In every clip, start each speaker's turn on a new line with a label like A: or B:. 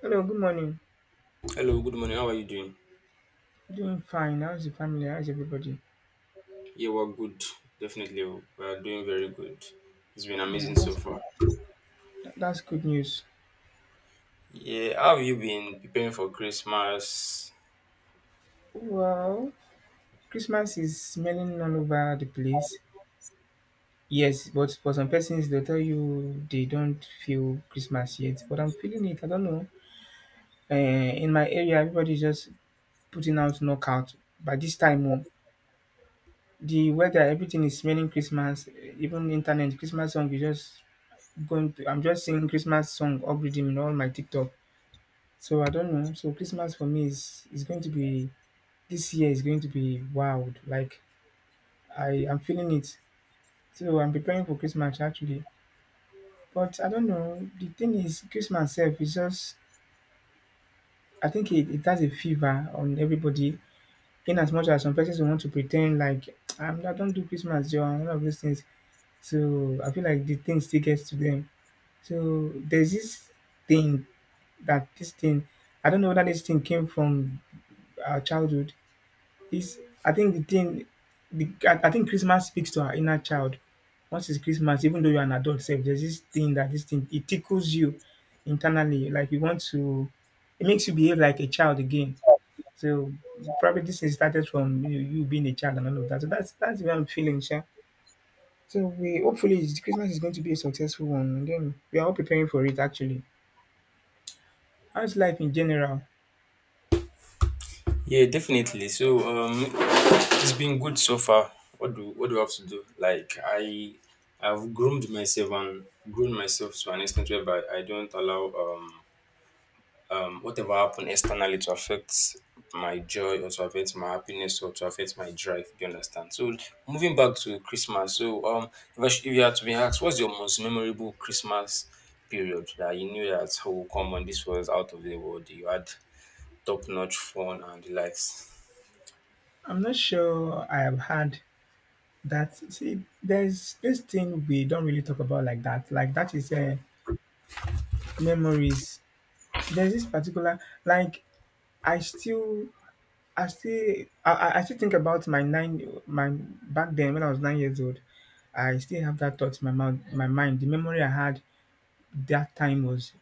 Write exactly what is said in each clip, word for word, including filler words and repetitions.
A: Hello, good morning.
B: Hello, good morning. How are you doing?
A: Doing fine. How's the family? How's everybody?
B: Yeah, we're good. Definitely, we're doing very good. It's been
A: Yeah,
B: amazing so
A: that's
B: far.
A: good. That- That's good news.
B: Yeah, how have you been preparing for Christmas?
A: Well, Christmas is smelling all over the place. Yes, but for some persons, they'll tell you they don't feel Christmas yet. But I'm feeling it. I don't know. Uh, in my area, everybody's just putting out knockout. By this time, oh, the weather, everything is smelling Christmas. eh, Even internet, Christmas song is just going to. I'm just seeing Christmas song algorithm in all my TikTok. So I don't know. So Christmas for me is is going to be this year is going to be wild. Like I am feeling it. So I'm preparing for Christmas actually. But I don't know. The thing is Christmas itself is just I think it, it has a fever on everybody. In as much as some persons will want to pretend like I'm I don't do Christmas Joe and all of those things. So I feel like the thing still gets to them. So there's this thing that this thing I don't know whether this thing came from our childhood. It's I think the thing the I I think Christmas speaks to our inner child. Once it's Christmas, even though you're an adult sef, there's this thing that this thing it tickles you internally, like you want to it makes you behave like a child again. So probably this thing started from you, you being a child and all of that. So that's that's what I'm feeling, sha. So we hopefully it's- Christmas is going to be a successful one. And then we are all preparing for it actually. How's life in general?
B: Yeah, definitely. So, um, it's been good so far. What do what do I have to do? Like, I I've groomed myself and grown myself to an extent whereby I don't allow um um, whatever happened externally to affect my joy or to affect my happiness or to affect my drive. Do you understand? So moving back to Christmas. So um, if, I sh- if you had to be asked, what's your most memorable Christmas period that you knew that, oh, come on, this was out of the world. You had top notch fun and the likes.
A: I'm not sure I have had that. See, there's this thing we don't really talk about like that. Like that is uh, memories. There's this particular like I still I still I, I I still think about my nine my back then when I was nine years old. I still have that thought in my mouth my mind. The memory I had that time was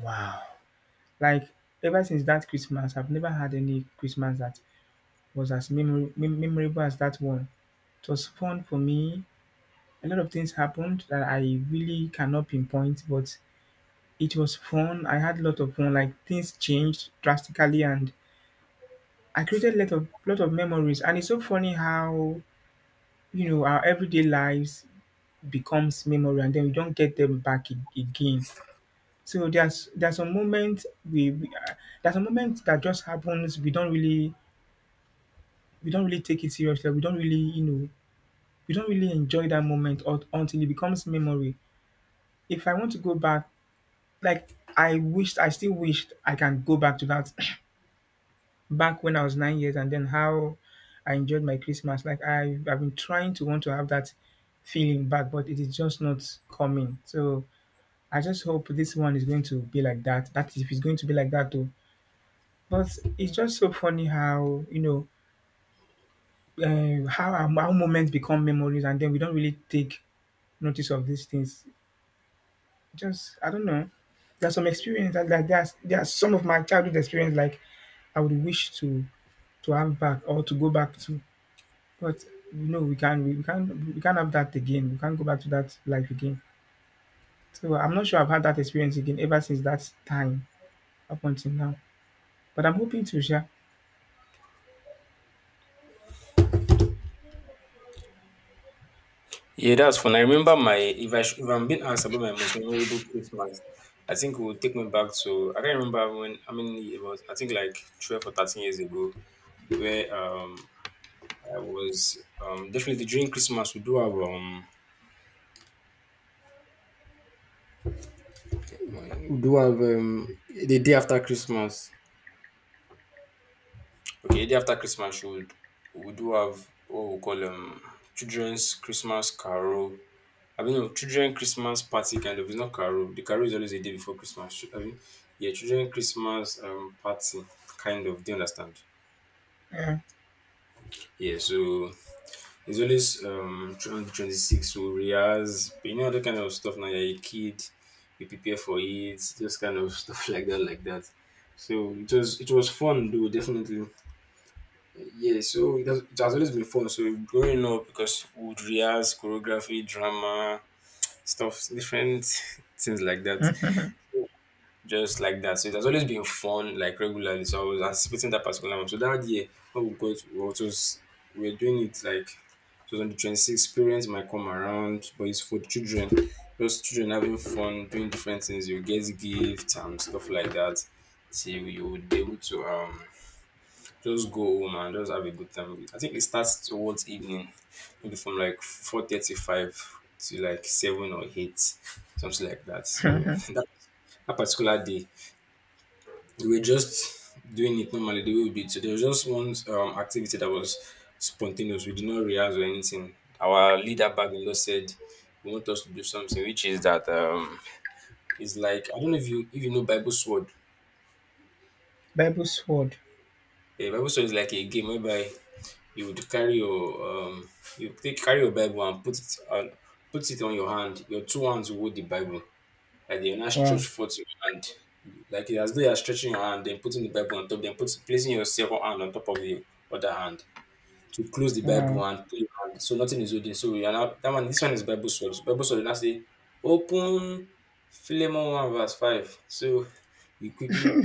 A: wow. Like ever since that Christmas, I've never had any Christmas that was as memory, mem- memorable as that one. It was fun for me. A lot of things happened that I really cannot pinpoint, but it was fun. I had a lot of fun. Like things changed drastically, and I created a lot of lot of memories. And it's so funny how you know our everyday lives becomes memory, and then we don't get them back a- again. So there's there's a moment we, we uh, there's a moment that just happens. We don't really we don't really take it seriously. We don't really you know we don't really enjoy that moment or, until it becomes memory. If I want to go back. Like I wished I still wished I can go back to that back when I was nine years and then how I enjoyed my Christmas. Like I I've been trying to want to have that feeling back, but it is just not coming. So I just hope this one is going to be like that. That if it's going to be like that though. But it's just so funny how you know uh, how our, our moments become memories, and then we don't really take notice of these things. Just I don't know. There's some experience that like there's there's some of my childhood experience like I would wish to to have back or to go back to. But you know we can we can't we can't have that again. We can't go back to that life again. So I'm not sure I've had that experience again ever since that time up until now. But I'm hoping to share.
B: Yeah, that's fun. I remember my if I sh- If I'm being asked about my most memorable Christmas, I think it would take me back to I can't remember when. I mean, it was I think like twelve or thirteen years ago where um I was um, definitely during Christmas. We do have um, we do have um, the day after Christmas. Okay, the day after Christmas, we would- we do have what we call um children's Christmas carol. I mean, no, children Christmas party kind of. It's not carol. The carol is always a day before Christmas. I mean, yeah, children Christmas um party kind of. Do you understand?
A: Yeah.
B: Yeah, so he's always um trying to be twenty six, so rehearse, you know, that kind of stuff. Now you're a kid, you prepare for it, just kind of stuff like that, like that. So it was it was fun though, definitely. Yeah, so it has, it has always been fun. So growing up, because we would rehearse choreography, drama, stuff, different things like that, just like that. So it has always been fun, like regularly. So I was anticipating that particular one. So that year, when we got, what was we were doing it like it was on the twenty sixth. Parents might come around, but it's for children. Just children having fun, doing different things. You get gifts and stuff like that. Till you would be able to um just go home and just have a good time. I think it starts towards evening, maybe from like four thirty-five to like seven or eight, something like that. So that that particular day we were just doing it normally the way we do it. So there was just one um, activity that was spontaneous. We did not rehearse or anything. Our leader back in law said he want us to do something, which is that um, it's like I don't know if you if you know Bible sword.
A: Bible sword.
B: A Bible sword is like a game whereby you would carry your um you take carry your Bible and put it on put it on your hand. Your two hands will hold the Bible. Like then you now stretch
A: Wow.
B: forth your hand, like it's as though you are stretching your hand, then putting the Bible on top, then put, placing your second hand on top of the other hand to close the Bible
A: Wow.
B: and put your hand. So nothing is holding. So you are now that one. This one is Bible sword. Bible sword. Now say, open Philemon one verse five. So you quickly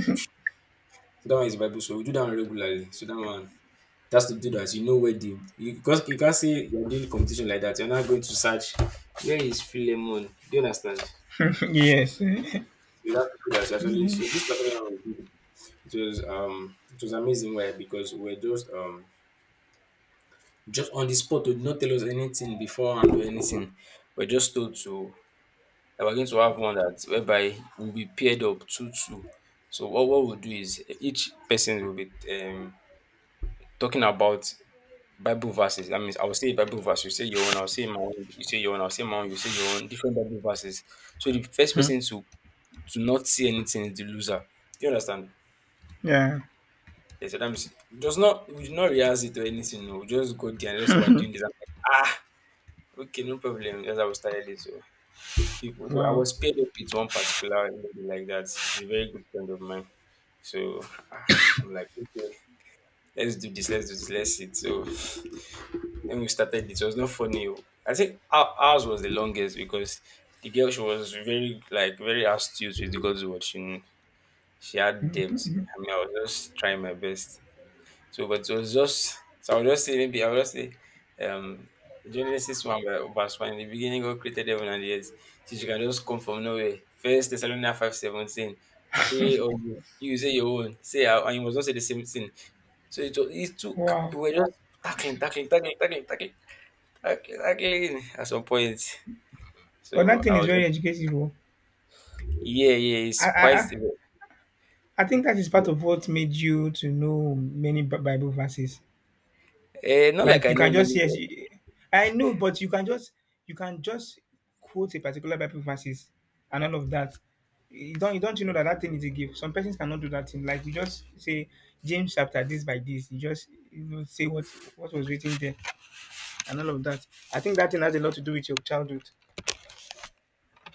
B: so that one is Bible sword. We do that one regularly. So that one. That's to do that. You know, where the you because you can't say you're doing competition like that. You're not going to search where is Philemon. Do you understand?
A: Yes.
B: So that's people that's actually so this particular one we did, it was um it was amazing. Why? Because we we're just um just on the spot. They did not tell us anything before and do anything. We're just told to that we're going to have one that whereby we'll be paired up two two. So what, what we'll do is each person will be um talking about Bible verses. That means I will say a Bible verse, you say your own, I'll say my own, you say your own, I'll say my own, you say your own, different Bible verses. So the first person to to not say anything is the loser. Do you understand?
A: Yeah.
B: Then sometimes does not we did not rehearse it or anything, oh. We just go there and just were doing this. I'm like, ah, okay, no problem. That's how we started it. So people so I
A: Wow.
B: was paired up with one particular lady like that. She's a very good friend of mine. So ah, I'm like, okay, let's do this, let's do this, let's sit. So then we started it. It was not funny, oh. I think our, ours was the longest because the girl she was very like very astute with God's word. She, she had depth. I mean, I was just trying my best. So, but it was just so I would just say maybe I would just say um Genesis one ver- verse one, in the beginning God created heaven and the earth. Since you can just come from nowhere. First Thessalonians five seventeen. Pray always. You say your own. Say our- and you must not say the same thing. So it was it took
A: Wow.
B: we were just tackling, tackling, tackling, tackling, tackling, tackling, tackling at some point.
A: But
B: So
A: that thing
B: I
A: is
B: was.
A: very educative. Oh.
B: Yeah, yeah, it's
A: I, I
B: quite.
A: I I think that is part
B: Yeah.
A: of what made you to know many Bi- Bible verses.
B: Eh, not like
A: Like
B: I
A: you
B: know
A: can
B: many.
A: just yes, you- I know, but you can just you can just quote a particular Bible verses and all of that. You don't you don't you know that that thing is a gift. Some persons cannot do that thing. Like you just say James chapter this by this. You just you know say what what was written there and all of that. I think that thing has a lot to do with your childhood.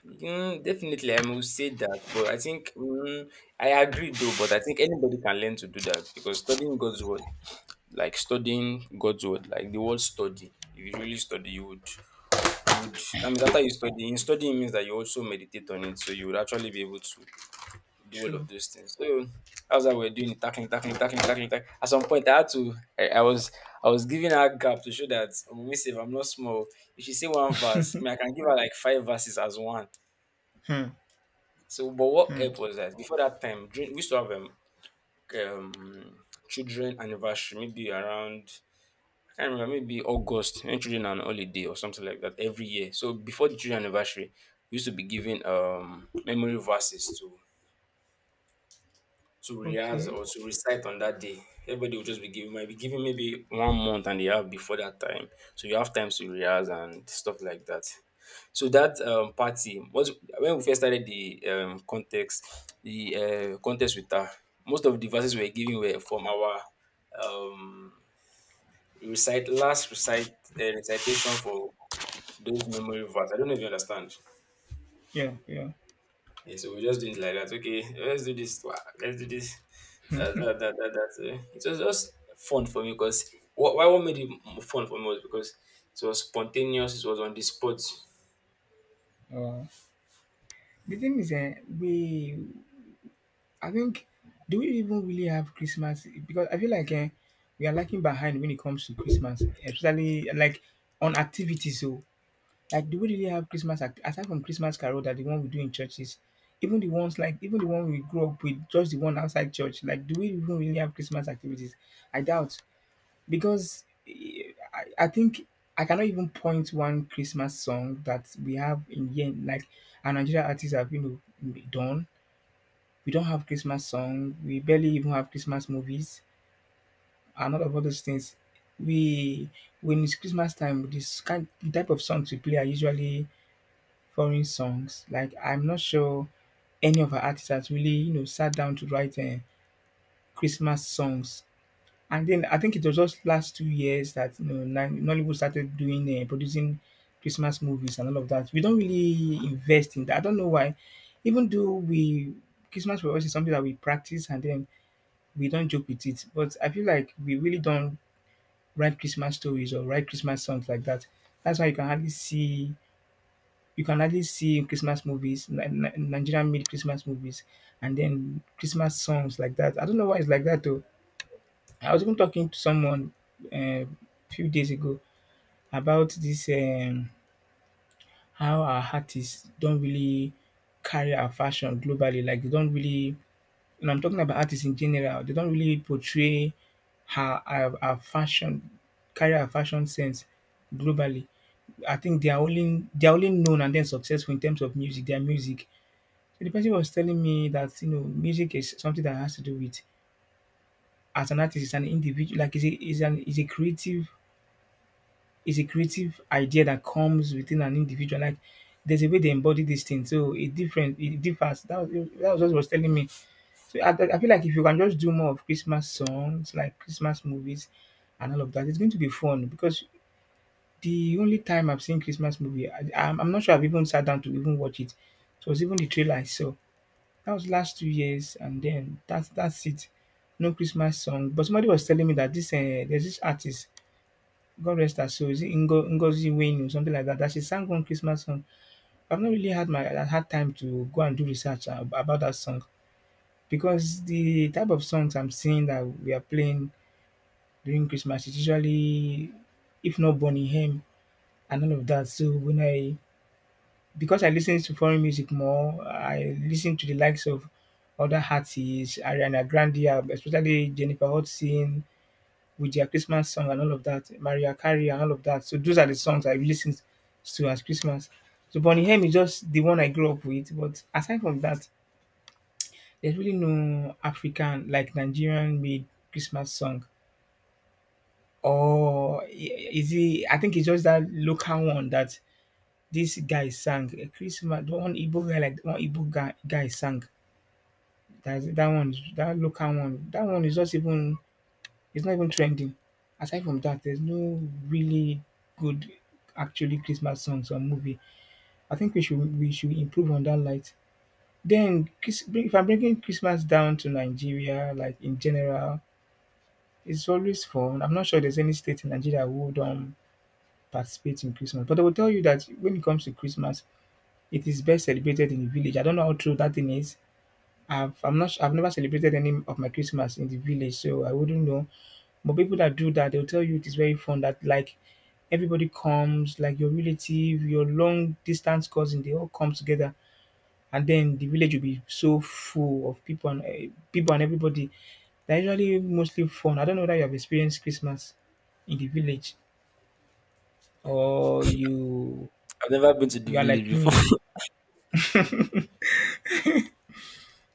B: Mm, definitely, I will say that, but I think mm, I agree though. But I think anybody can learn to do that because studying God's word, like studying God's word, like the word study. If you really study, you would, you would. I mean, after you study, in studying means that you also meditate on it, so you would actually be able to do all of
A: True.
B: those things. So that's how we're doing it, tackling, tackling, tackling, tackling, tackling. At some point, I had to. I, I was, I was giving her gap to show that, oh, miss, if I'm not small, if she say one verse, I mean, I can give her like five verses as one.
A: Hmm.
B: So, but what
A: Hmm.
B: help was that before that time, during, we used to have um, um children anniversary, maybe around I can't remember, maybe August, when children are on holiday or something like that every year. So before the children anniversary, we used to be giving um memory verses to to rehearse
A: Okay.
B: or to recite on that day. Everybody will just be giving might be giving maybe one month and they have before that time. So you have time to rehearse and stuff like that. So that um, party was when we first started the um, context, the uh, contest with her. Most of the verses we were giving were from our um, recite last recite uh, recitation for those memory verse. I don't know if you understand.
A: Yeah. Yeah.
B: Yeah, so we just doing it like that. Okay, let's do this. Wow, let's do this. That, that, that, that, that. eh. It was just fun for me because what, why what made it m- fun for me was because it was spontaneous. It was on the spot.
A: Uh, the thing is, uh, we I think do we even really have Christmas? Because I feel like eh, we are lagging behind when it comes to Christmas, especially like on activities. So, like, do we really have Christmas act- aside from Christmas carol that the one we do in churches? Even the ones like even the one we grew up with, just the one outside church. Like, do we even really have Christmas activities? I doubt because eh, I, I think I cannot even point one Christmas song that we have in here, like our Nigerian artists have you know done we don't have Christmas song. We barely even have Christmas movies, and all of all those things. We when it's Christmas time, this kind the type of songs we play are usually foreign songs. Like I'm not sure any of our artists has really you know sat down to write uh, Christmas songs. And then I think it was just last two years that you know Nan- Nollywood started doing uh, producing Christmas movies and all of that. We don't really invest in that. I don't know why. Even though we Christmas for us is something that we practice, and then we don't joke with it. But I feel like we really don't write Christmas stories or write Christmas songs like that. That's why you can hardly see you can hardly see Christmas movies, Ni- Ni- Nigerian made Christmas movies, and then Christmas songs like that. I don't know why it's like that though. I was even talking to someone a few days ago about this um, how our artists don't really carry our fashion globally. Like they don't really. And I'm talking about artists in general. They don't really portray her her, her fashion, carry her fashion sense globally. I think they are only they are only known and then successful in terms of music, their music. So the person was telling me that you know music is something that has to do with as an artist, is an individual like is a is an is a creative is a creative idea that comes within an individual. Like there's a way they embody this thing, so it different it differs. That was that was what he was telling me. So I, I feel like if you can just do more of Christmas songs, like Christmas movies and all of that, it's going to be fun because the only time I've seen Christmas movie, I, I'm, I'm not sure I've even sat down to even watch it. It was even the trailer I saw. That was last two years, and then that's that's it. No Christmas song. But somebody was telling me that this uh, there's this artist, God rest her soul, is it Ingo, Ngozi Wayne or something like that, that she sang one Christmas song. I've not really had my I had time to go and do research ab- about that song because the type of songs I'm seeing that we are playing during Christmas is usually, if not Bonnie M and all of that. So when I because I listen to foreign music more, I listen to the likes of other artists, Ariana Grande, um, especially Jennifer Hudson with their Christmas song and all of that, Mariah Carey and all of that. So those are the songs I listen to as Christmas. So Bonnie M is just the one I grew up with. But aside from that, there's really no African, like Nigerian made Christmas song. Or i- is it, I think it's just that local one that this guy sang. A Christmas, the one Igbo guy, like one Igbo guy, guy sang. That's, that one, is- that local one, that one is just even, it's not even trending. Aside from that, there's no really good, actually Christmas songs or movie. I think we should we should improve on that light. Then, Chris- if I'm bringing Christmas down to Nigeria, like in general, it's always fun. I'm not sure there's any state in Nigeria who don't participate in Christmas, but I will tell you that when it comes to Christmas, it is best celebrated in the village. I don't know how true that thing is. I've I'm not su- I've never celebrated any of my Christmas in the village, so I wouldn't know. But people that do that, they'll tell you it is very fun. That like everybody comes, like your relative, your long distance cousin, they all come together and then the village will be so full of people and uh, people and everybody. They're usually mostly fun. I don't know that you have experienced Christmas in the village or you
B: I've never been to the
A: you are
B: village
A: like me.
B: before.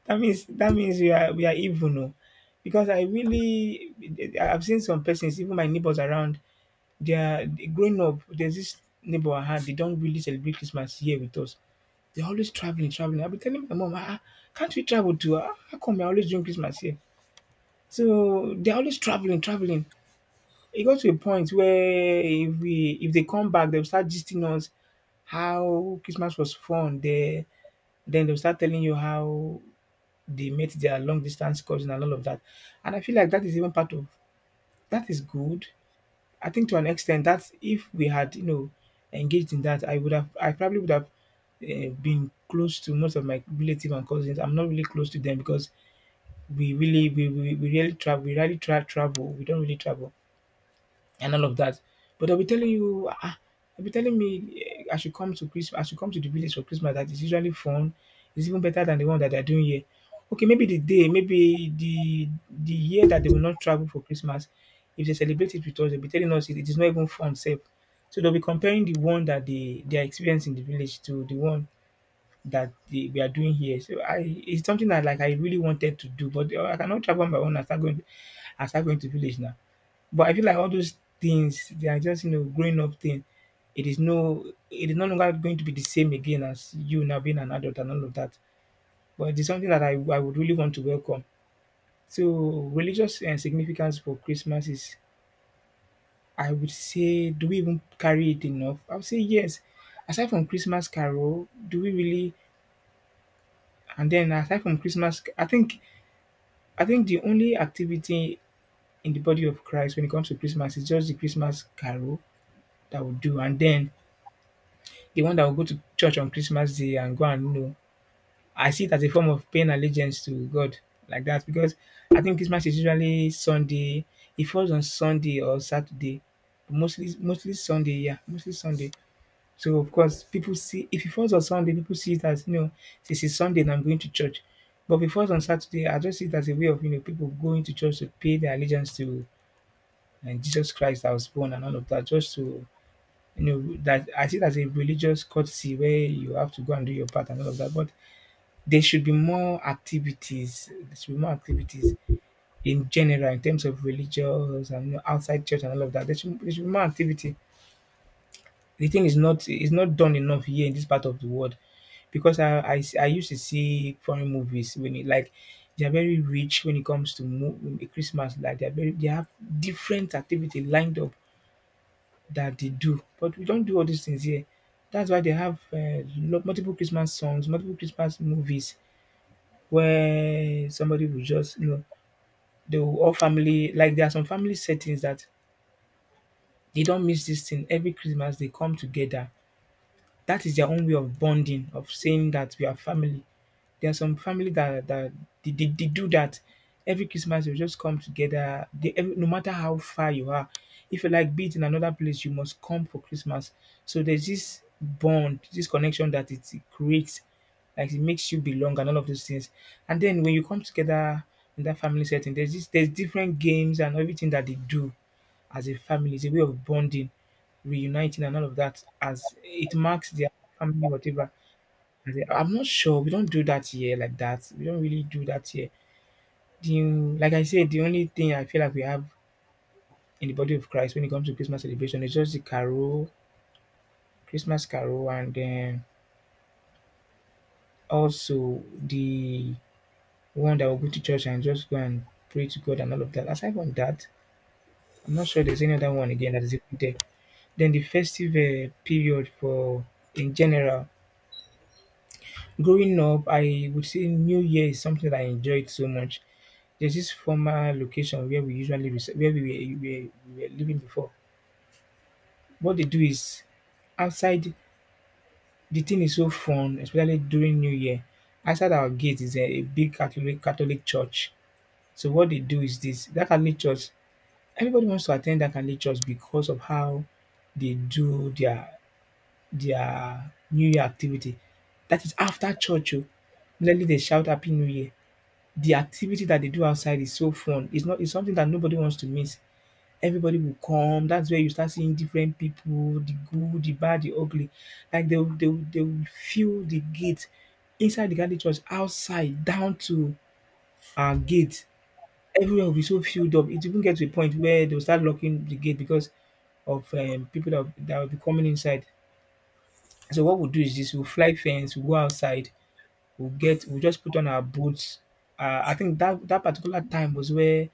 A: That means that means we are we are even oh. Because I really, I've seen some persons, even my neighbors around, they are growing up, there's this neighbor I had, they don't really celebrate Christmas here with us, they're always traveling, traveling. I'll be telling my mom, ah, ah, can't we travel to? Ah, how come you're always doing Christmas here? So they're always traveling, traveling. It got to a point where if we if they come back, they'll start gisting us how Christmas was fun there. Then they'll start telling you how they met their long distance cousin and all of that. And I feel like that is even part of, that is good. I think to an extent that if we had, you know, engaged in that, I would have I probably would have uh, been close to most of my relatives and cousins. I'm not really close to them because we really we, we, we really travel we rarely tra- travel. We don't really travel and all of that. But they'll be telling you, ah, they'll be telling me eh, I should come to Christmas, I should come to the village for Christmas. That is usually fun. It's even better than the one that they're doing here. Okay, maybe the day, maybe the the year that they will not travel for Christmas, if they celebrate it with us, they'll be telling us it, it is not even fun, safe. So they'll be comparing the one that they they are experiencing in the village to the one that they, we are doing here. So I, it's something that like I really wanted to do, but eh, I cannot travel on my own and start going and start going to village now, but I feel like all those things, they are just, you know, growing up thing. It is no it is no longer going to be the same again as you now being an adult and all of that. But it is something that I, I would really want to welcome. So religious and significance for Christmas is, I would say, do we even carry it enough? I would say yes. Aside from Christmas carol, do we really, and then aside from Christmas I think I think the only activity in the body of Christ when it comes to Christmas is just the Christmas carol that we do, and then the one that will go to church on Christmas Day and go and, you know, I see it as a form of paying allegiance to God like that, because I think Christmas is usually Sunday. It falls on Sunday or Saturday, mostly mostly Sunday. Yeah, mostly Sunday. So of course, people see, if it falls on Sunday, people see it as, you know, this is Sunday and I'm going to church. But if it falls on Saturday, I just see it as a way of, you know, people going to church to pay their allegiance to, and Jesus Christ that was born and all of that, just to, you know, that I see it as a religious courtesy where you have to go and do your part and all of that. But there should be more activities. There should be more activities in general in terms of religious and, you know, outside church and all of that. There should, there should be more activity. The thing is not is not done enough here in this part of the world, because I I, s- I used to see foreign movies when it like they are very rich when it comes to mo- Christmas. Like they are very they have different activity lined up that they do. But we don't do all these things here. That's why they have uh, lo- multiple Christmas songs, multiple Christmas movies where somebody will just, you know, they will all family, like there are some family settings that they don't miss this thing. Every Christmas they come together. That is their own way of bonding, of saying that we are family. There are some family that that they they they do that. Every Christmas they'll just come together. They, every, no matter how far you are, if you like be it in another place, you must come for Christmas. So there's this bond, this connection that it creates, like it makes you belong and all of those things. And then when you come together in that family setting, there's this there's different games and everything that they do as a family. It's a way of bonding, reuniting and all of that as it marks their family whatever. I say, I'm not sure. We don't do that here like that. We don't really do that here. The, like I said, the only thing I feel like we have in the body of Christ when it comes to Christmas celebration is just the carol, Christmas carol, and then also the one that will go to church and just go and pray to God and all of that. Aside from that, I'm not sure there's any other one again that is even there. Then the festive uh, period for in general. Growing up, I would say New Year is something that I enjoyed so much. There's this former location where we usually resi where we were we were we were living before. What they do is outside, the thing is so fun especially during New Year. Outside our gate is a a big Catholic Catholic church. So what they do is this, that Catholic church, everybody wants to attend that Catholic church because of how they do their their New Year activity. That is after church oh. Normally they shout happy new year. The activity that they do outside is so fun. It's not it's something that nobody wants to miss. Everybody will come. That's where you start seeing different people, the good, the bad, the ugly. Like they will, they will, they will fill the gate inside the Catholic Church, outside, down to our gate. Everywhere will be so filled up. It even get to a point where they'll start locking the gate because of um, people that, that will be coming inside. So what we'll do is this: we'll fly fence, we'll go outside, we'll get, we'll just put on our boots. Uh, I think that that particular time was where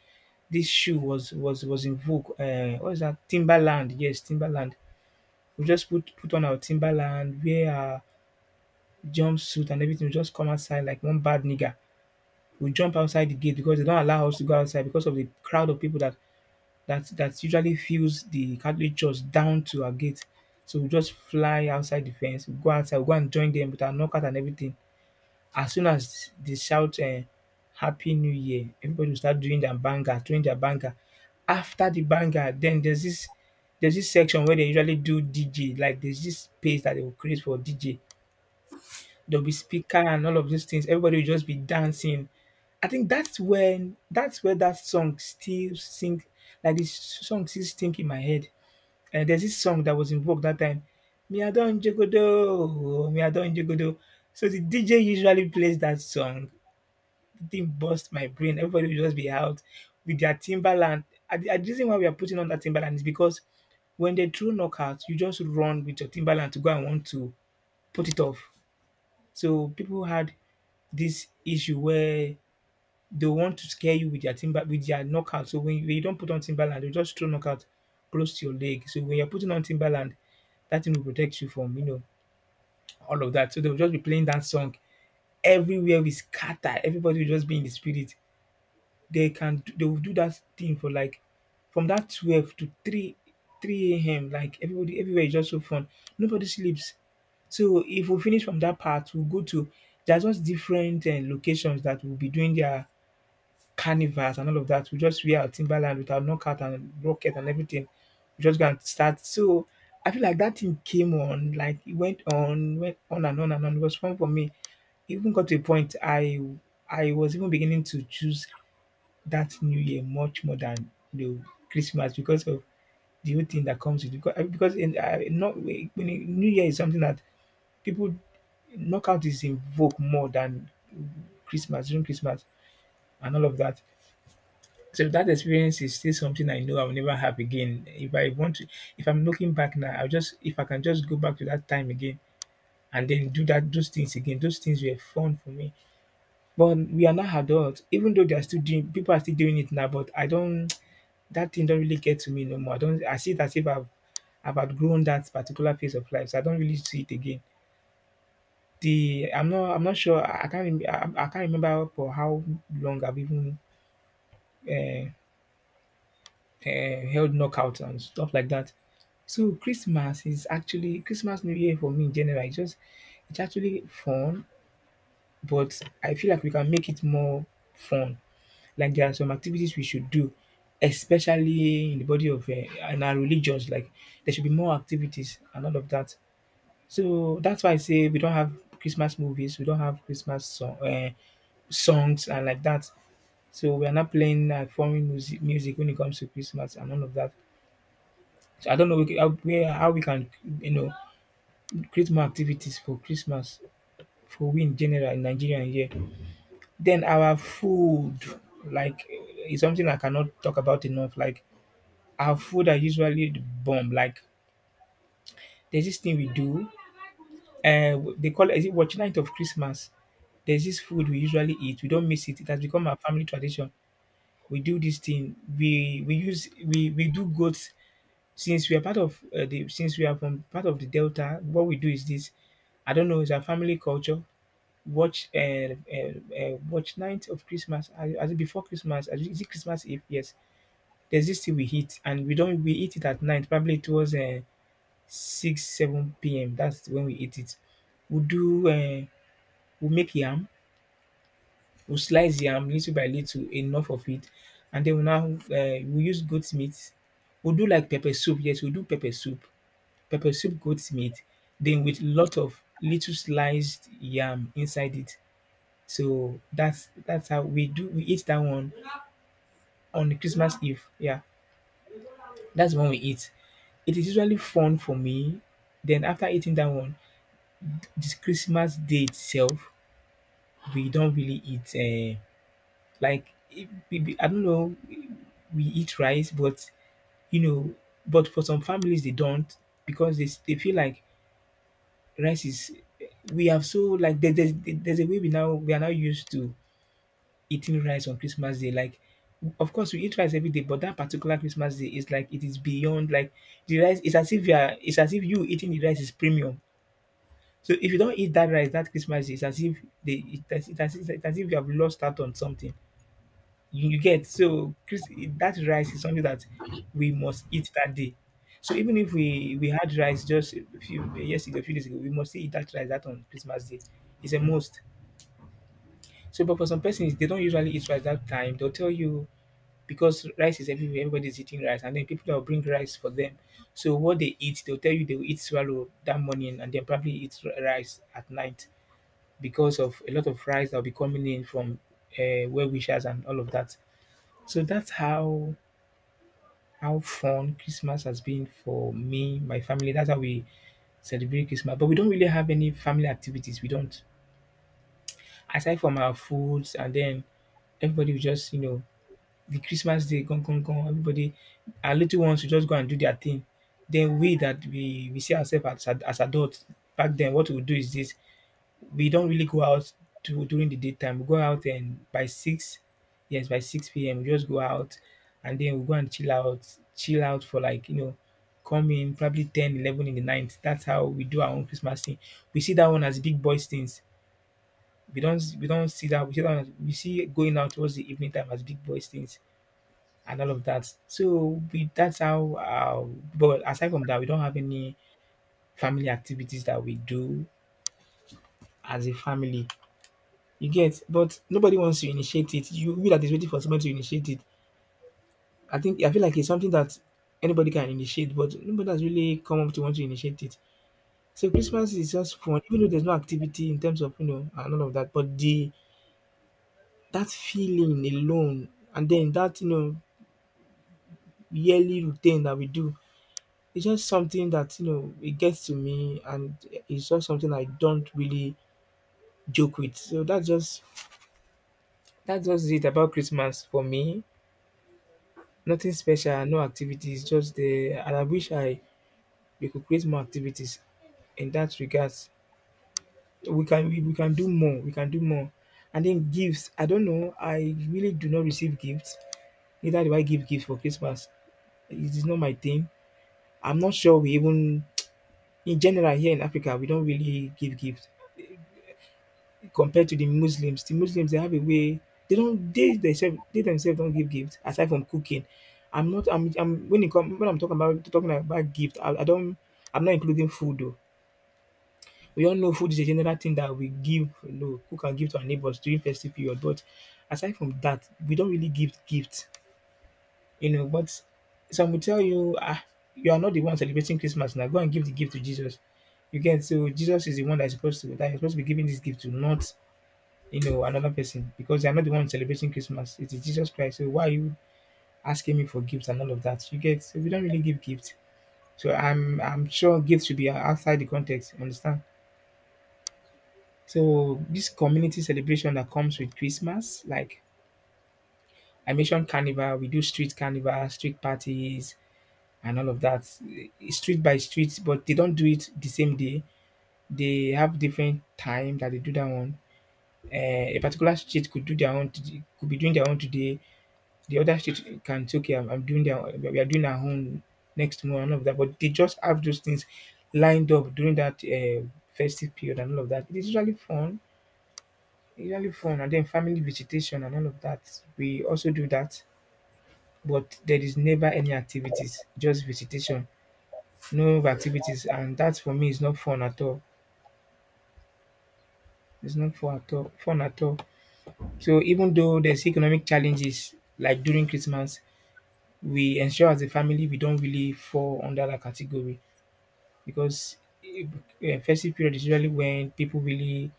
A: this shoe was was was in vogue. Uh, what is that? Timberland, yes, Timberland, we just put put on our timberland, wear our jumpsuit and everything, we just come outside like one bad nigger. We jump outside the gate because they don't allow us to go outside because of the crowd of people that that that usually fills the Catholic church down to our gate. So we just fly outside the fence, we go outside, we go and join them with our knockout and everything. As soon as they shout um happy new year, everybody will start doing their banger, doing their banger. After the banger, then there's this there's this section where they usually do D J. Like there's this space that they will create for D J. There'll be speaker and all of those things. Everybody will just be dancing. I think that's when that's where that song still sing, like this song still sink in my head. And there's this song that was in vogue that time. Me I don jogodo, me I don jogodo. So the D J usually plays that song, thing burst my brain. Everybody will just be out with their Timberland. And the and the reason why we are putting on that Timberland is because when they throw knockout, you just run with your Timberland to go and want to put it off. So people had this issue where they want to scare you with their timber with their knockout. So when you, when you don't put on Timberland, they just throw knockout close to your leg. So when you're putting on Timberland, that thing will protect you from, you know, all of that. So they'll just be playing that song everywhere. We scatter. Everybody will just be in the spirit. they can they will do that thing for like from that twelve to 3 three a m. Like everybody everywhere is just so fun. Nobody sleeps. So if we finish from that part, we'll go to, there's just different uh, locations that will be doing their carnivals and all of that. We just wear our Timberland with our knockout and rocket and everything. We just gonna start. So I feel like that thing came on, like it went on, went on and on and on. It was fun for me. Even got to a point I I was even beginning to choose that New Year much more than the Christmas, because of the whole thing that comes with. Because because in, uh, not when, in- New Year is something that people, knockout is invoked more than Christmas, during Christmas and all of that. So that experience is still something I know I will never have again. If I want to, if I'm looking back now, I'll just, if I can just go back to that time again and then do that those things again. Those things were fun for me. But we are not adults, even though they are still doing, people are still doing it now, but I don't, that thing don't really get to me no more. I don't. I see it as if I've I've outgrown that particular phase of life, so I don't really see it again. The I'm not I'm not sure. I I can't rem- I, I can't remember for how long I've even, uh, uh, held knockouts and stuff like that. So Christmas is actually Christmas, New Year for me in general. It's just it's actually fun, but I feel like we can make it more fun. Like there are some activities we should do, especially in the body of, eh, in our religions, like there should be more activities and all of that. So that's why I say we don't have Christmas movies, we don't have Christmas song, eh, songs and like that. So we are not playing like foreign music music when it comes to Christmas and all of that. So I don't know, we ca- how where how we can you know create more activities for Christmas for we in general in Nigeria here. Then our food, like eh, is something I cannot talk about enough. Like our food are usually the bomb. Like there's this thing we do, uh, they call it, is it watch night of Christmas? There's this food we usually eat. We don't miss it. It has become our family tradition. We do this thing. We we use we we do goats, since we are part of uh, the since we are from part of the delta. What we do is this. I don't know. It's our family culture. Watch uh, uh, uh, watch night of Christmas. As, as before Christmas, as, is it Christmas Eve? Yes. There's this thing we eat, and we don't we eat it at night, probably towards uh, six, seven p m. That's when we eat it. We'll do, uh, we'll make yam, we'll slice yam little by little, enough of it. And then we now, uh, we use goat meat. We'll do like pepper soup. Yes, we'll do pepper soup. Pepper soup, goat meat. Then with lot of little sliced yam inside it. So that's that's how we do we eat that one on Christmas Eve. Yeah. That's when we eat. It is usually fun for me. Then after eating that one, this Christmas day itself, we don't really eat, uh, like, if maybe, I don't know, we eat rice, but, you know, but for some families, they don't, because they, s- they feel like rice is, we have so, like, there, there's, there's a way we now, we are now used to eating rice on Christmas Day. Like, of course, we eat rice every day, but that particular Christmas Day is like, it is beyond, like, the rice, it's as if you are, it's as if you eating the rice is premium. So if you don't eat that rice that Christmas day, it's as if they, it's, as- it's, as- it's as if you have lost out on something. You, you get so Chris, that rice is something that we must eat that day. So even if we we had rice just a few yesterday, a few days ago, we must still eat that rice that on Christmas day. It's a must. So, but for some persons, they don't usually eat rice that time. They'll tell you because rice is everywhere, everybody's eating rice, and then people that will bring rice for them. So what they eat, they'll tell you they will eat swallow that morning, and then probably eat r- rice at night because of a lot of rice that'll be coming in from uh, well wishers and all of that. So that's how how fun Christmas has been for me, my family. That's how we celebrate Christmas. But we don't really have any family activities. We don't. Aside from our foods and then everybody will just, you know, the Christmas day, gone, gone, gone. Everybody, our little ones will just go and do their thing. Then we that we, we see ourselves as, ad- as adults. Back then, what we'll do is this, we don't really go out to during the daytime. We go out and by six, yes, by six p m, we just go out, and then we go and chill out, chill out for like, you know, come in probably ten, eleven in the night. That's how we do our own Christmas thing. We see that one as big boys things. We don't we don't see that we see that one as, we see going out towards the evening time as big boys things and all of that. So we that's how uh, but aside from that we don't have any family activities that we do as a family. You get? But nobody wants to initiate it. You you that is waiting for someone to initiate it. I think I feel like it's something that anybody can initiate, but nobody has really come up to want to initiate it. So Christmas is just fun, even though there's no activity in terms of, you know, and all of that. But the that feeling alone, and then that you know yearly routine that we do, it's just something that you know it gets to me, and it's just something I don't really joke with. So that's just that's just it about Christmas for me. Nothing special, no activities, just the and I wish I we could create more activities in that regards. We can we we can do more, we can do more. And then gifts, I don't know, I really do not receive gifts. Neither do I give gifts for Christmas. It is not my thing. I'm not sure we even in general here in Africa we don't really give gifts. Compared to the Muslims. The Muslims they have a way they don't they themselves they themselves don't give gifts aside from cooking. I'm not I'm, I'm when it come when I'm talking about talking about gift, I, I don't I'm not including food though. We all know food is a general thing that we give, you know, cook and give to our neighbors during festive period. But aside from that, we don't really give gifts, you know. But some will tell you, ah, you are not the one celebrating Christmas now. Go and give the gift to Jesus. You get so Jesus is the one that's supposed to, that you're supposed to be giving this gift to, not, you know, another person because they are not the one celebrating Christmas. It is Jesus Christ. So why are you asking me for gifts and all of that? You get so we don't really give gifts. So I'm I'm sure gifts should be outside the context. You understand? So this community celebration that comes with Christmas, like I mentioned carnival, we do street carnival, street parties and all of that. eh, Street by street, but they don't do it the same day. They have different time that they do that one. Uh, a particular street could do their own, today- could be doing their own today. The other state can say, "Okay, I'm, I'm doing their, we are doing our own next month and all of that." But they just have those things lined up during that, uh, festive period and all of that. It is usually fun, usually fun, and then family visitation and all of that. We also do that, but there is never any activities, just visitation, no activities, and that for me is not fun at all. It's not fun at all. Fun at all. So even though there's economic challenges like during Christmas, we ensure as a family we don't really fall under that category. Because e- e- festive period is usually when people really,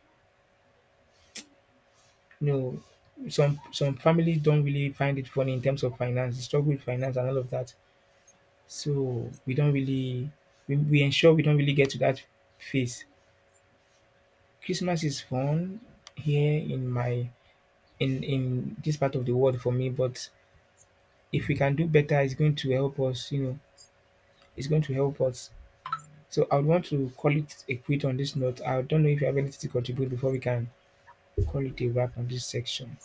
A: you know, some some families don't really find it funny in terms of finance, they struggle with finance and all of that. So we don't really we, we ensure we don't really get to that phase. Christmas is fun here in my in in this part of the world for me, but if we can do better, it's going to help us. You know, it's going to help us. So I would want to call it a quit on this note. I don't know if you have anything to contribute before we can call it a wrap on this section.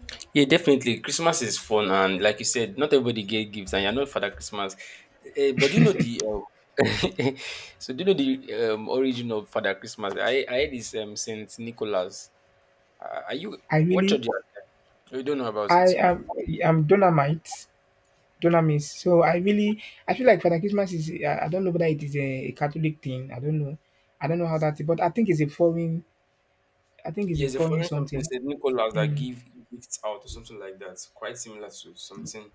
B: Yeah, definitely. Christmas is fun, and like you said, not everybody get gifts, and you're not Father Christmas. Eh, but do you know the? Uh, so do you know the um, origin of Father Christmas? I I heard this um, Saint Nicholas. Uh, are you
A: I
B: what
A: really,
B: church you are at? You don't know about it.
A: I am, I'm Dolomite, Dolomis. So I really, I feel like Father Christmas is, I, I don't know whether it is a, a Catholic thing. I don't know. I don't know how that, but I think it's a foreign, I think it's a
B: Yes, the
A: foreign
B: foreign something
A: something.
B: said Nicholas that
A: Mm.
B: give gifts out or something like that. Quite similar to something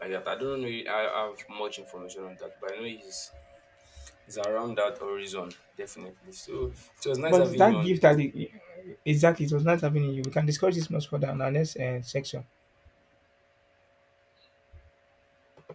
B: like that. I don't know. I have much information on that, but I know he's, he's around that horizon definitely. So it was nice
A: But
B: having you
A: that
B: on.
A: gift that, it, exactly, it was not happening in you. We can discuss this much further in our next uh, section.